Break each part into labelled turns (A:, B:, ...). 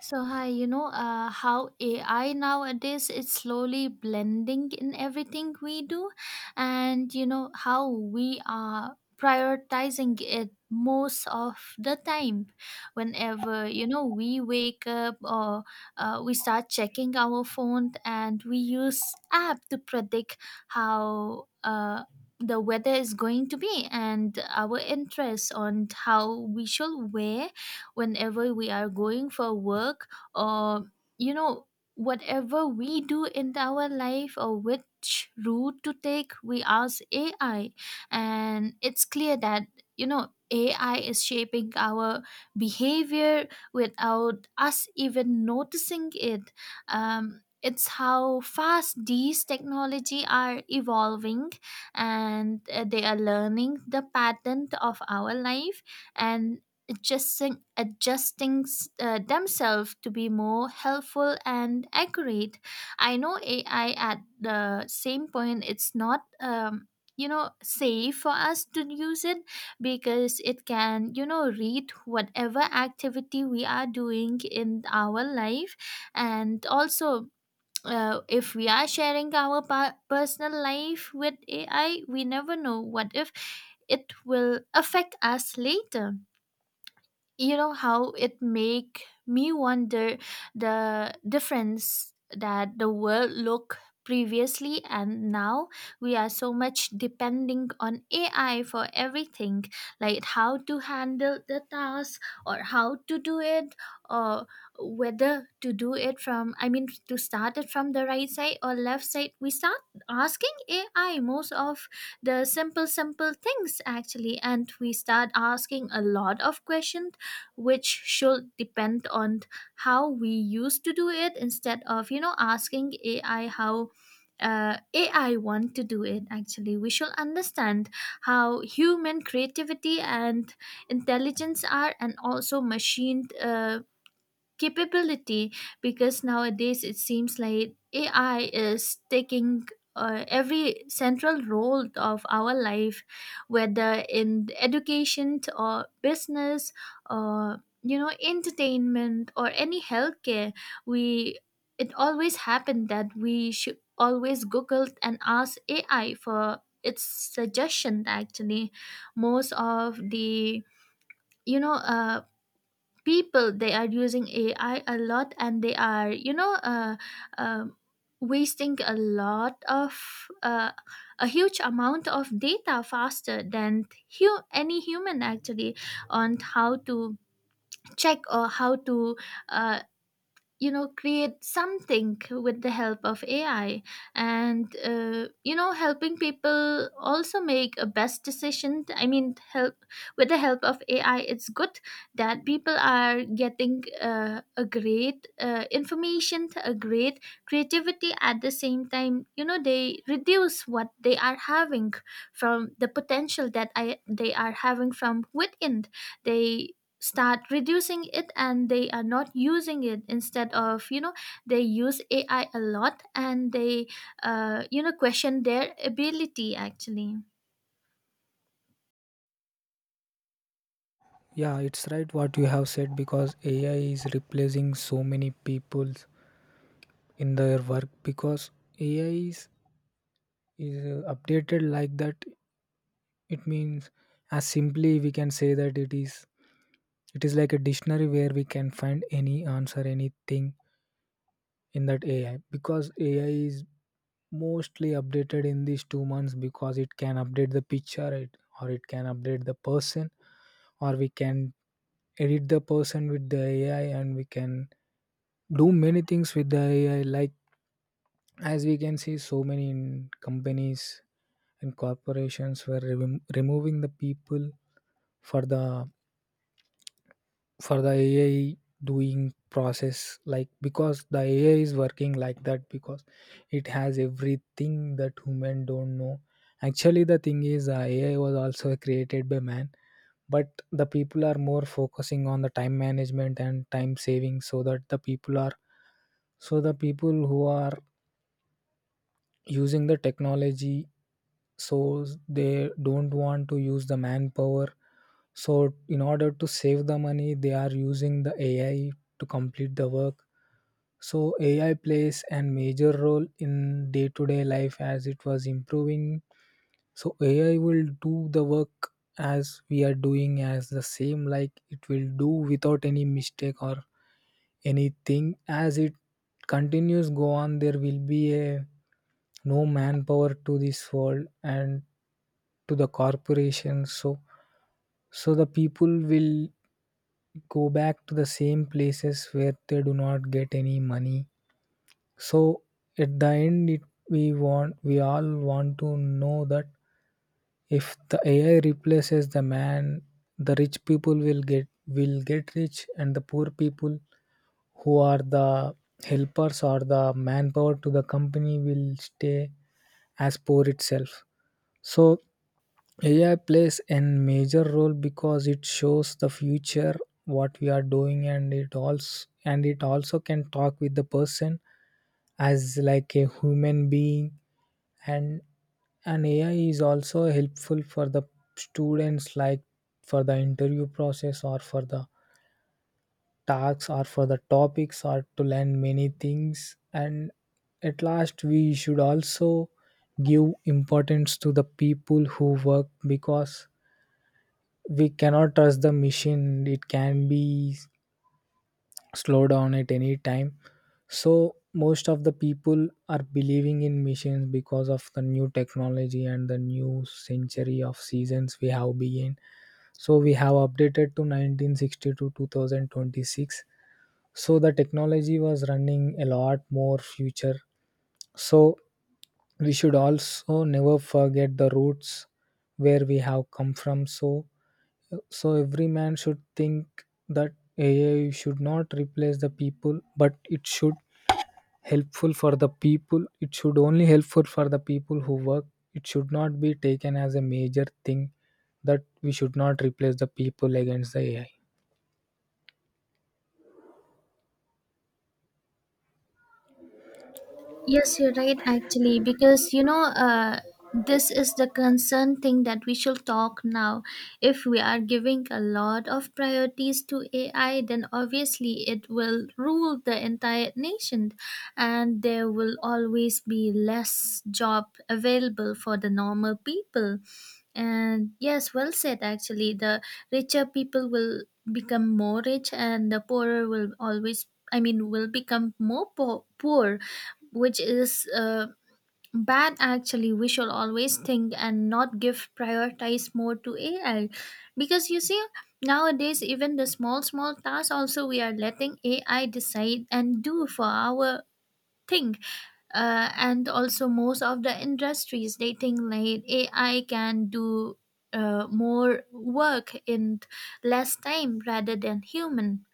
A: So hi, how AI nowadays is slowly blending in everything we do, and you know how we are prioritizing it most of the time. Whenever we wake up or we start checking our phone, and we use app to predict how the weather is going to be and our interest on how we should wear whenever we are going for work or you know whatever we do in our life, or which route to take, we ask ai. And it's clear that ai is shaping our behavior without us even noticing it. It's how fast these technology are evolving, and they are learning the pattern of our life and adjusting themselves to be more helpful and accurate. I know AI at the same point, it's not. Safe for us to use it because it can read whatever activity we are doing in our life, and also if we are sharing our personal life with ai, we never know what if it will affect us later. You know, how it make me wonder the difference that the world look previously and now. We are so much depending on ai for everything, like how to handle the task or how to do it, or whether to do it from, I mean, to start it from the right side or left side, we start asking ai most of the simple simple things actually, and we start asking a lot of questions which should depend on how we used to do it instead of asking ai how ai want to do it. Actually, we should understand how human creativity and intelligence are, and also machine capability, because nowadays it seems like AI is taking every central role of our life, whether in education or business or entertainment or any healthcare. We it always happened that we should always Google and ask AI for its suggestion. Actually, most of the you know uh, people, they are using ai a lot, and they are um wasting a lot of a huge amount of data faster than any human actually, on how to check or how to uh, create something with the help of ai. And helping people also make a best decision, I mean, help with the help of ai, it's good that people are getting a great information, a great creativity. At the same time, you know, they reduce what they are having from the potential that they are having from within. They start reducing it and they are not using it. Instead of, you know, they use ai a lot, and they you know, question their ability actually.
B: Yeah, it's right what you have said because AI is replacing so many people in their work because AI is updated like that. It means, as simply we can say, that it is like a dictionary where we can find any answer, anything in that AI, because AI is mostly updated in these 2 months because it can update the picture, it, or it can update the person, or we can edit the person with the AI, and we can do many things with the AI. Like, as we can see, so many in companies and corporations were removing the people for the AI doing process. Like, because the AI is working like that, because it has everything that human don't know. Actually, the thing is, AI was also created by man, but the people are more focusing on the time management and time saving, so that the people who are using the technology, so they don't want to use the manpower, so in order to save the money they are using the ai to complete the work. So ai plays a major role in day to day life as it was improving. So ai will do the work as we are doing, as the same, like it will do without any mistake or anything. As it continues go on, there will be a no manpower to this world and to the corporations, so so the people will go back to the same places where they do not get any money. So at the end, we all want to know that if the ai replaces the man, the rich people will get rich and the poor people who are the helpers or the manpower to the company will stay as poor itself. So ai plays a major role because it shows the future what we are doing, and it also can talk with the person as like a human being. And an ai is also helpful for the students, like for the interview process or for the tasks or for the topics or to learn many things. And at last, we should also give importance to the people who work, because we cannot trust the machine, it can be slow down at any time. So most of the people are believing in machines because of the new technology and the new century of seasons we have begun. So we have updated to 1960 to 2026, so the technology was running a lot more future. So we should also never forget the roots where we have come from. So so every man should think that ai should not replace the people, but it should helpful for the people, it should only helpful for the people who work. It should not be taken as a major thing, that we should not replace the people against the ai.
A: Yes, you're right, actually, because this is the concern thing that we should talk now. If we are giving a lot of priorities to AI, then obviously it will rule the entire nation, and there will always be less job available for the normal people. And yes, well said, actually. The richer people will become more rich, and the poorer will always, I mean, will become more poor, which is bad actually. We should always think and not give prioritize more to ai, because you see, nowadays even the small small tasks also we are letting ai decide and do for our thing. And also, most of the industries, they think like ai can do more work in less time rather than human.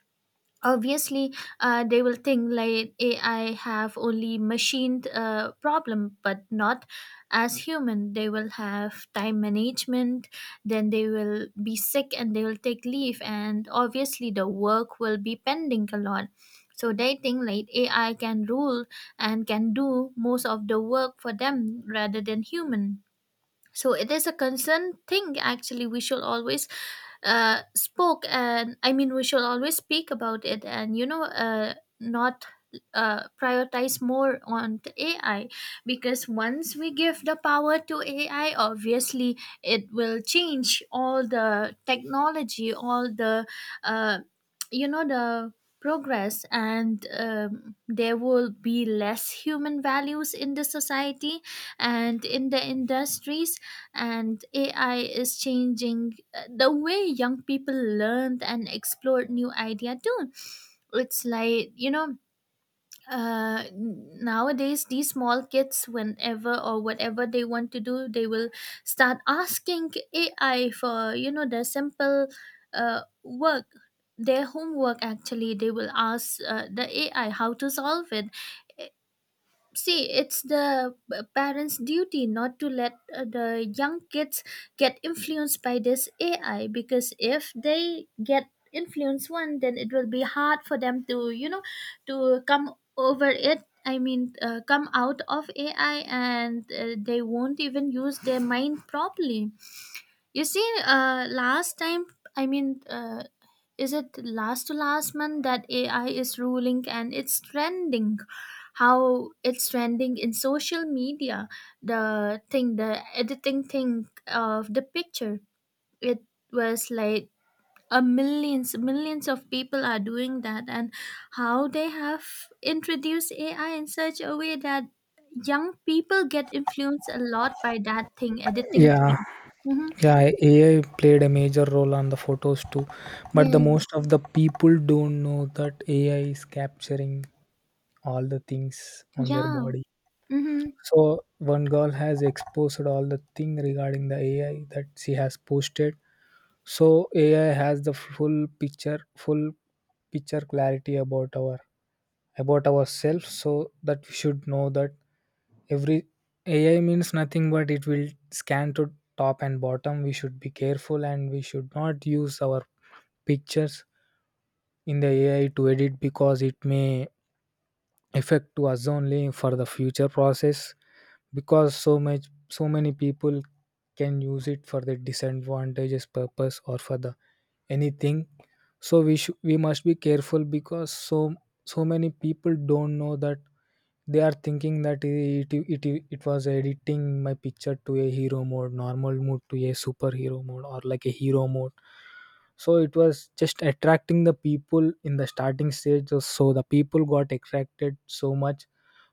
A: Obviously, they will think like ai have only machined problem, but not as human. They will have time management, then they will be sick and they will take leave, and obviously the work will be pending a lot. So they think like ai can rule and can do most of the work for them rather than human. So it is a concern thing actually. We should always spoke and, I mean, we should always speak about it, and not prioritize more on the AI. Because once we give the power to AI, obviously it will change all the technology, all the uh, the progress, and there will be less human values in the society and in the industries. And AI is changing the way young people learned and explored new idea too. It's like, nowadays these small kids, whenever or whatever they want to do, they will start asking ai for, you know, the simple work, their homework actually. They will ask the ai how to solve it. See, it's the parents duty not to let the young kids get influenced by this ai, because if they get influenced one, then it will be hard for them to, you know, to come over it, I mean, come out of ai, and they won't even use their mind properly. You see, last time, I mean, uh, is it last to last month that AI is ruling and it's trending? How it's trending in social media, the thing, the editing thing of the picture. It was like a millions, millions of people are doing that, and how they have introduced AI in such a way that young people get influenced a lot by that thing, editing
B: Yeah,
A: thing. Hmm.
B: yeah, ai played a major role on the photos too, but the most
A: Yes.
B: of the people don't know that ai is capturing all the things on their
A: Yeah.
B: body.
A: Mm-hmm.
B: So one girl has exposed all the thing regarding the AI that she has posted. So AI has the full picture clarity about our, about ourselves. So that we should know that every AI means nothing, but it will scan to top and bottom. We should be careful and we should not use our pictures in the AI to edit, because it may affect to us only for the future process, because so many people can use it for their disadvantageous purpose or for the anything. So we should, we must be careful, because so so many people don't know that, they are thinking that it was editing my picture to a hero mode, normal mode, to a superhero mode, or like a hero mode. So it was just attracting the people in the starting stage. So the people got attracted so much.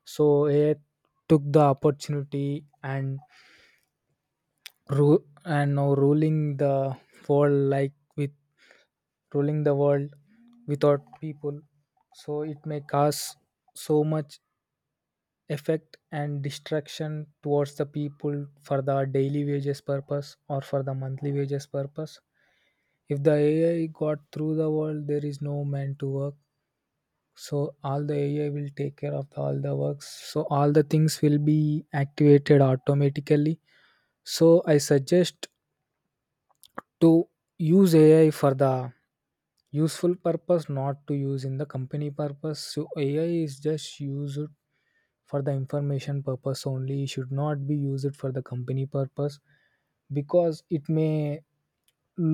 B: So it took the opportunity and now ruling the world, like, with ruling the world without people. So it may cause so much effect and distraction towards the people for the daily wages purpose or for the monthly wages purpose. If the ai got through the world, there is no man to work. So all the ai will take care of all the works, so all the things will be activated automatically. So I suggest to use ai for the useful purpose, not to use in the company purpose. So ai is just used for the information purpose only, it should not be used for the company purpose, because it may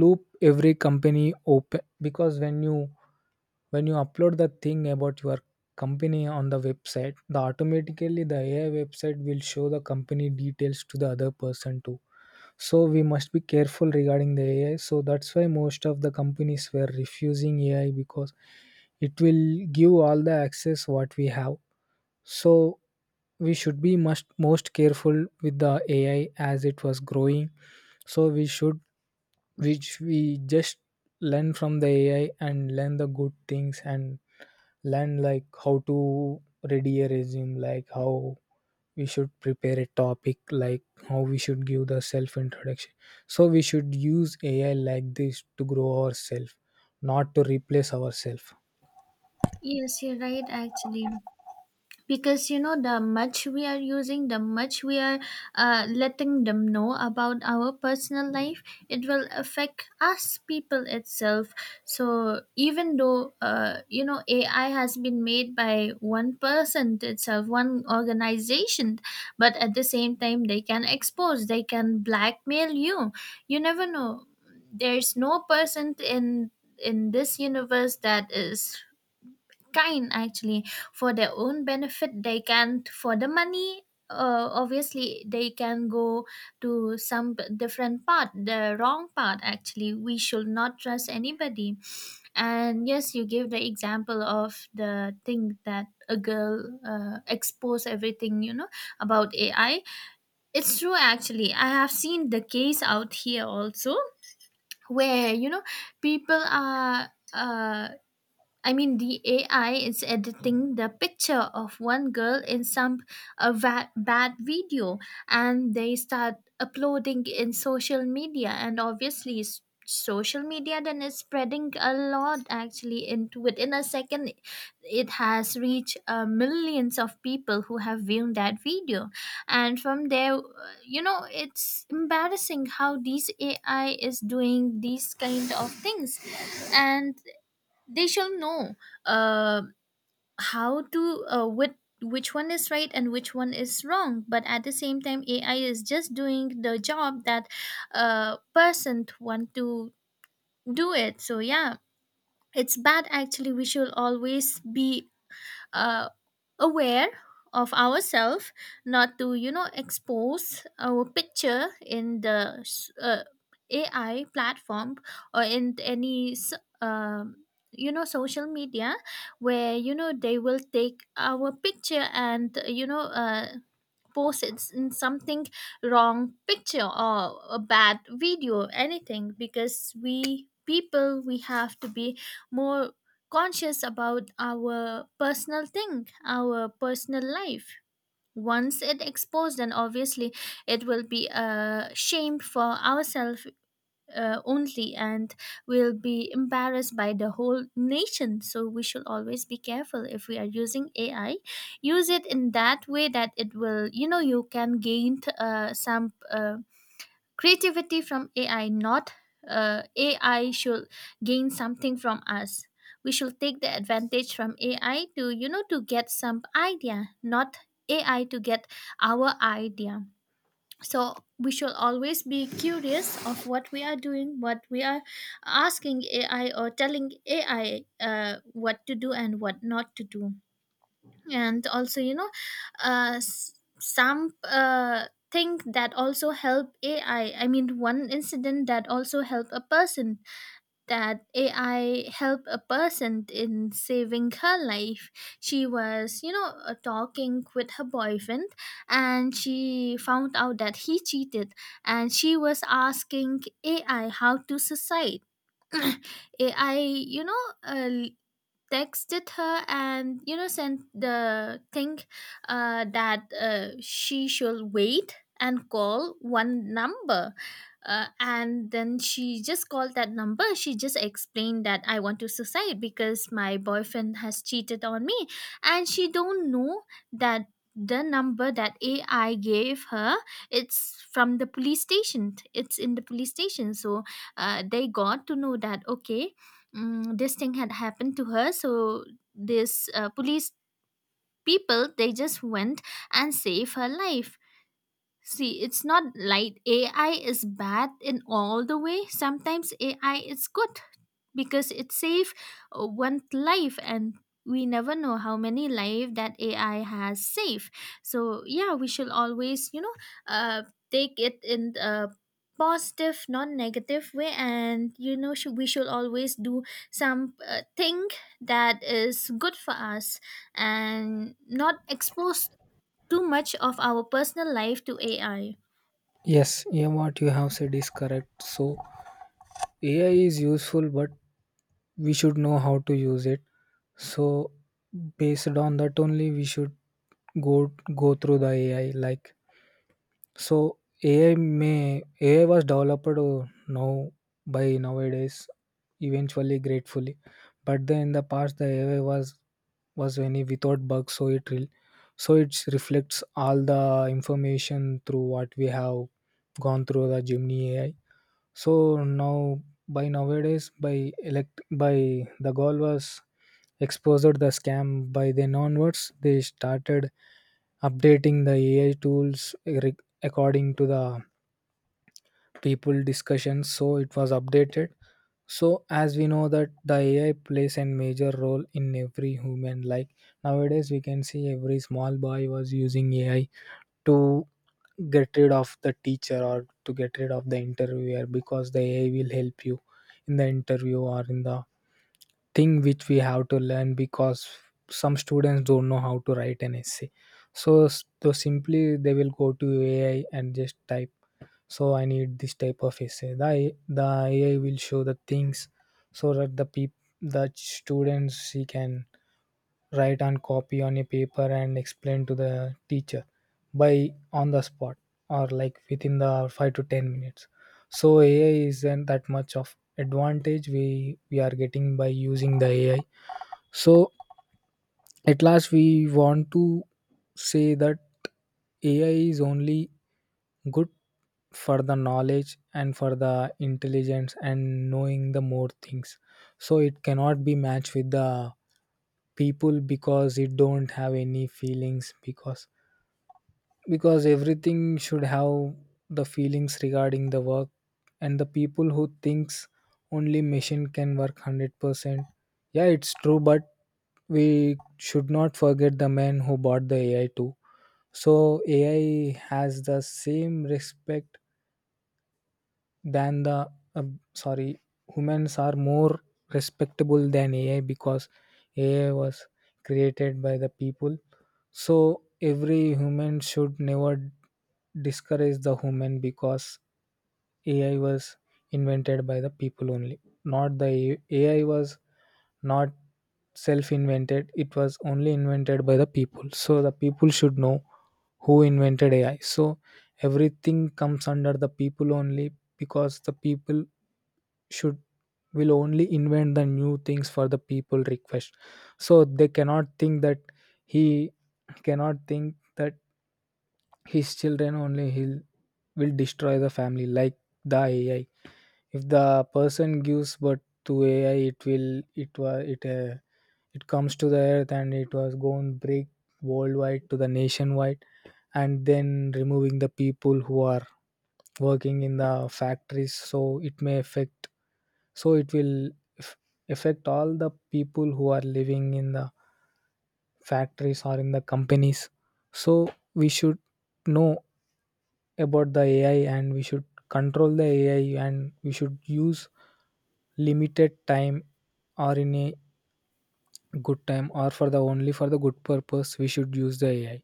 B: loop every company open. Because when you upload the thing about your company on the website, the automatically the ai website will show the company details to the other person too. So we must be careful regarding the ai, so that's why most of the companies were refusing ai, because it will give all the access what we have. So we should be must most careful with the ai as it was growing. So we should, which we just learn from the ai and learn the good things, and learn like how to ready a resume, like how we should prepare a topic, like how we should give the self introduction. So we should use ai like this to grow ourselves, not to replace ourselves.
A: Yes, you're right, actually. Because you know, the much we are using, the much we are letting them know about our personal life, it will affect us people itself. So even though, ai has been made by one person itself, one organization, but at the same time they can expose, they can blackmail you. You never know. There's no person in this universe that is kind actually. For their own benefit, they can, for the money, obviously they can go to some different path, the wrong path. Actually, we should not trust anybody. And yes, you give the example of the thing that a girl expose everything, you know, about ai. It's true actually, I have seen the case out here also, where you know people are I mean, the AI is editing the picture of one girl in some a bad video, and they start uploading in social media, and obviously, social media then is spreading a lot actually. Into within a second, it has reached millions of people who have viewed that video. And from there, you know, it's embarrassing how these ai is doing these kind of things. And they shall know uh, how to with which one is right and which one is wrong. But at the same time, ai is just doing the job that person want to do it. So yeah, it's bad actually. We should always be uh, aware of ourselves, not to, you know, expose our picture in the uh, ai platform or in any um you know, social media, where you know they will take our picture and you know posts in something, wrong picture or a bad video, anything. Because we people, we have to be more conscious about our personal thing, our personal life. Once it exposed and obviously it will be a shame for ourselves only, and we'll be embarrassed by the whole nation. So we should always be careful. If we are using ai, use it in that way that it will, you know, you can gain some creativity from ai, not ai should gain something from us. We should take the advantage from ai to, you know, to get some idea, not ai to get our idea. So we should always be curious of what we are doing, what we are asking ai or telling ai what to do and what not to do. And also, you know, s- some thing that also help ai, I mean, one incident that also help a person, that AI helped a person in saving her life. She was, talking with her boyfriend, and she found out that he cheated, and she was asking AI how to suicide. AI, texted her and you know sent the thing that she should wait and call one number. And then she just called that number, she just explained that I want to suicide because my boyfriend has cheated on me. And she don't know that the number that ai gave her, it's from the police station, it's in the police station. So they got to know that okay, this thing had happened to her. So this police people, they just went and saved her life. See, it's not like AI is bad in all the way. Sometimes AI is good because it saves one life, and we never know how many life that AI has saved. So yeah, we should always, uh, take it in a positive, non-negative way. And you know, we should always do some thing that is good for us, and not expose too much of our personal life to AI.
B: Yes, yeah, what you have said is correct. So AI is useful, but we should know how to use it. So based on that only, we should go go through the AI. Like, so AI may, AI was developed now by nowadays, eventually, gratefully, but then in the past the AI was any without bugs so it reflects all the information through what we have gone through the Gemini AI. So now by nowadays, by elect by the goal was exposed the scam, by then onwards they started updating the AI tools, according to the people discussions, so it was updated. So as we know that the ai plays a major role in every human, like nowadays we can see every small boy was using ai to get rid of the teacher or to get rid of the interviewer, because the ai will help you in the interview or in the thing which we have to learn, because some students don't know how to write an essay. So so simply they will go to ai and just type, so I need this type of essay, the ai will show the things, so that the students he can write and copy on a paper and explain to the teacher, by on the spot or like within the 5 to 10 minutes. So ai isn't that much of advantage we are getting by using the ai. So at last, we want to say that ai is only good for the knowledge and for the intelligence and knowing the more things. So it cannot be matched with the people, because it don't have any feelings, because everything should have the feelings regarding the work. And the people who thinks only machine can work 100%, yeah it's true, but we should not forget the man who bought the ai too. So ai has the same respect than the, uh, sorry, humans are more respectable than ai, because ai was created by the people. So every human should never discourage the human, because ai was invented by the people only, not the ai was, not self invented, it was only invented by the people. So the people should know who invented ai, so everything comes under the people only, because the people should will only invent the new things for the people request. So they cannot think that he cannot think that his children only he'll will destroy the family, like the ai. If the person gives birth to ai, it will, it was it it comes to the earth and it was going break worldwide to the nationwide, and then removing the people who are working in the factories, so it may affect. So it will f- affect all the people who are living in the factories or in the companies. So we should know about the ai, and we should control the ai, and we should use limited time or in a good time, or for the only for the good purpose we should use the ai.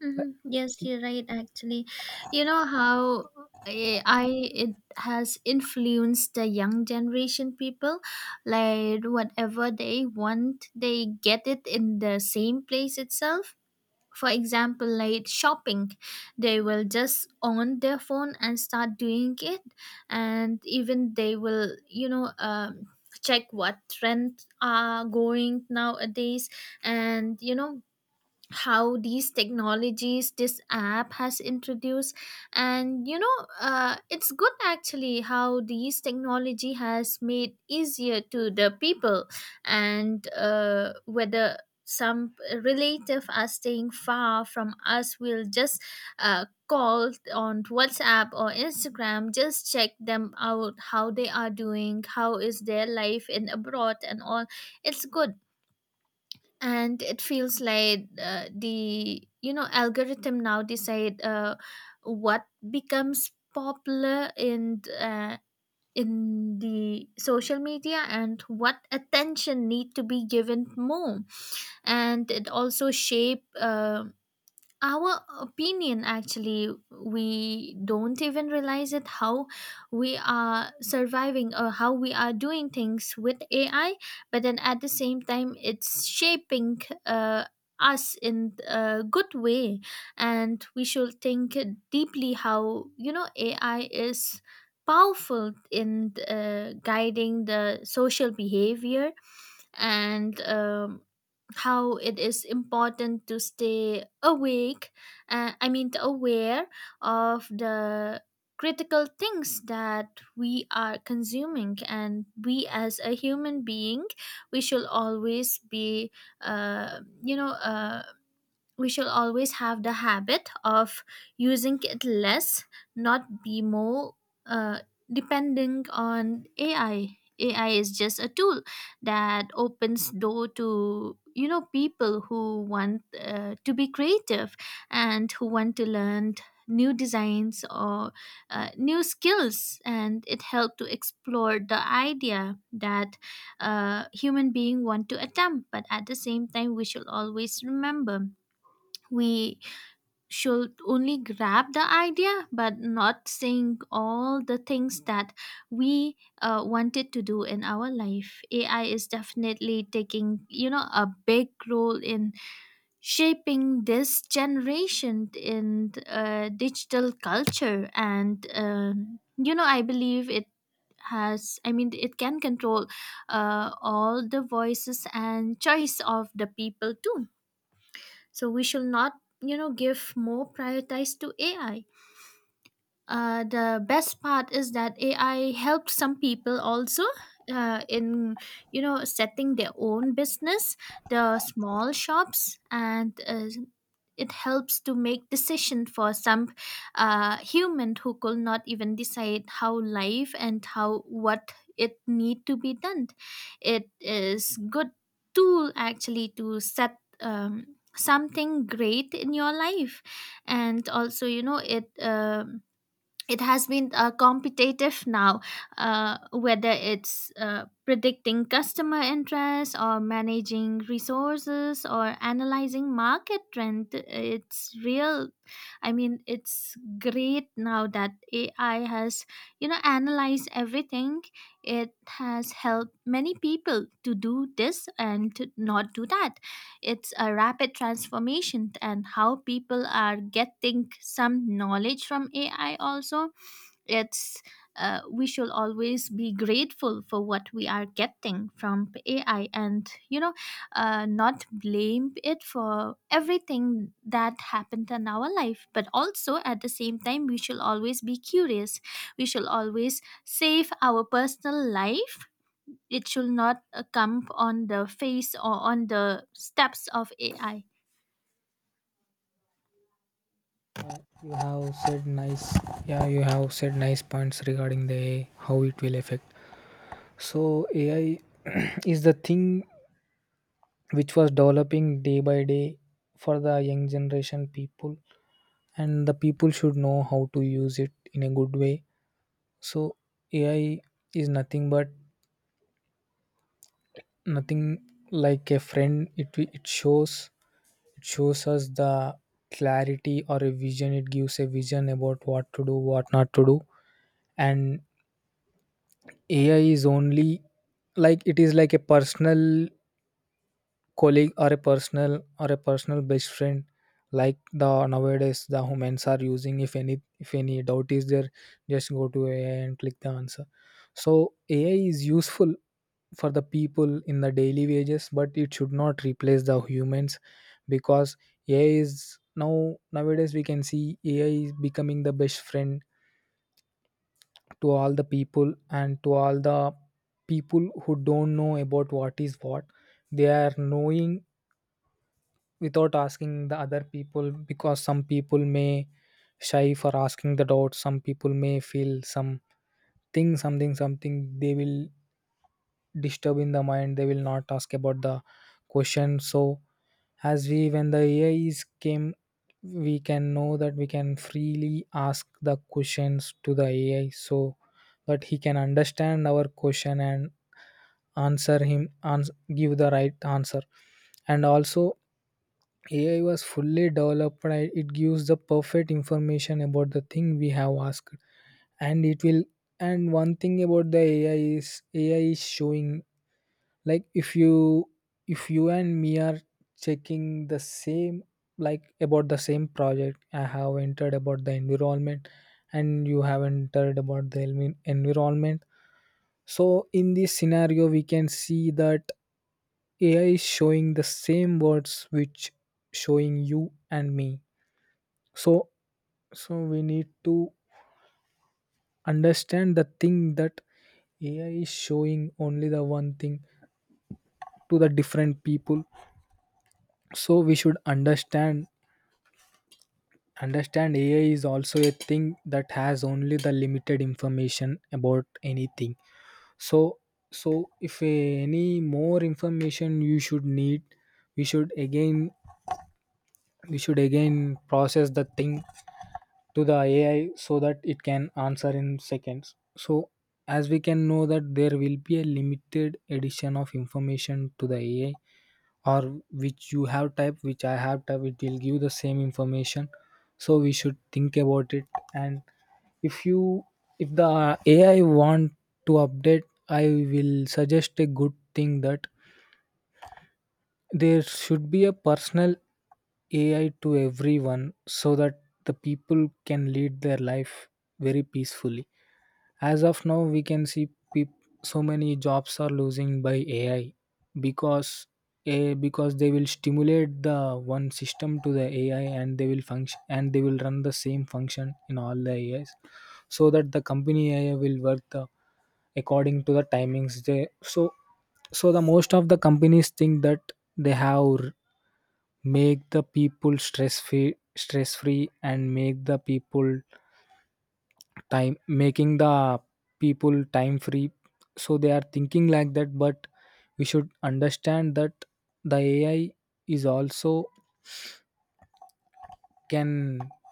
A: Hmm. Yes, you're right. Actually, you know how AI, it has influenced the young generation people. Like whatever they want, they get it in the same place itself. For example, like shopping, they will just on their phone and start doing it. And even they will, check what trends are going nowadays. And you know how these technologies, this app has introduced. And it's good actually how these technology has made easier to the people. And whether some relative are staying far from us, we will just call on WhatsApp or Instagram, just check them out, how they are doing, how is their life in abroad and all. It's good. And it feels like the, you know, algorithm now decide what becomes popular in the social media, and what attention need to be given more. And it also shape our opinion. Actually we don't even realize it, how we are surviving or how we are doing things with AI. But then at the same time, it's shaping uh, us in a good way. And we should think deeply how, you know, AI is powerful in guiding the social behavior. And how it is important to stay awake, I mean aware, of the critical things that we are consuming. And we as a human being, we should always be, uh, you know uh, we should always have the habit of using it less, not be more, uh, depending on AI. AI is just a tool that opens door to, you know, people who want, to be creative, and who want to learn new designs or new skills. And it helped to explore the idea that human being want to attempt. But at the same time, we should always remember, we should only grab the idea, but not saying all the things that we wanted to do in our life. AI is definitely taking, you know, a big role in shaping this generation in digital culture. And you know, I believe it has, I mean it can control all the voices and choice of the people too. So we should not, you know, give more prioritize to AI. The best part is that AI helped some people also, in, you know, setting their own business, the small shops, and it helps to make decision for some human who could not even decide how life and how what it need to be done. It is good tool actually to set. Something great in your life. And also, you know, it it has been competitive now, whether it's predicting customer interest or managing resources or analyzing market trend. It's real. I mean, it's great now that AI has, you know, analyzed everything. It has helped many people to do this and to not do that. It's a rapid transformation. And how people are getting some knowledge from AI also, it's, we should always be grateful for what we are getting from AI. And you know, not blame it for everything that happened in our life. But also at the same time, we should always be curious, we should always save our personal life, it should not come on the face or on the steps of AI.
B: Like, you have said nice, yeah, you have said nice points regarding the ai, how it will affect. So AI is the thing which was developing day by day for the young generation people, and the people should know how to use it in a good way. So AI is nothing but nothing, like a friend, it shows, it shows us the clarity or a vision, it gives a vision about what to do, what not to do. And ai is only like, it is like a personal colleague or a personal best friend. Like, the nowadays the humans are using, if any doubt is there, just go to ai and click the answer. So ai is useful for the people in the daily wages, but it should not replace the humans, because ai is now, nowadays we can see ai is becoming the best friend to all the people, and to all the people who don't know about what is what. They are knowing without asking the other people, because some people may shy for asking the doubt, some people may feel something, something, they will disturb in the mind, they will not ask about the question. So as we, when the ai is came, we can know that we can freely ask the questions to the ai, so that he can understand our question and answer him, ans- give the right answer. And also, AI was fully developed. It gives the perfect information about the thing we have asked, and it will. And one thing about the AI is, AI is showing, like if you, if you and me are checking the same, like about the same project, I have entered about the environment, and you have entered about the environment. So in this scenario, we can see that AI is showing the same words, which showing you and me. So, so we need to understand the thing that AI is showing only the one thing to the different people. So we should understand AI is also a thing that has only the limited information about anything. So so if any more information you should need, we should again we should again process the thing to the ai, so that it can answer in seconds. So as we can know that there will be a limited addition of information to the ai, or which you have typed, which I have typed, it will give the same information. So we should think about it. And if you, if the ai want to update, I will suggest a good thing that there should be a personal ai to everyone, so that the people can lead their life very peacefully. As of now we can see, so many jobs are losing by ai, because, a because they will stimulate the one system to the ai, and they will function and they will run the same function in all the ais, so that the company AI will work the according to the timings they. So so the most of the companies think that they have, make the people stress free, stress free, and make the people time, making the people time free. So they are thinking like that, but we should understand that the ai is also can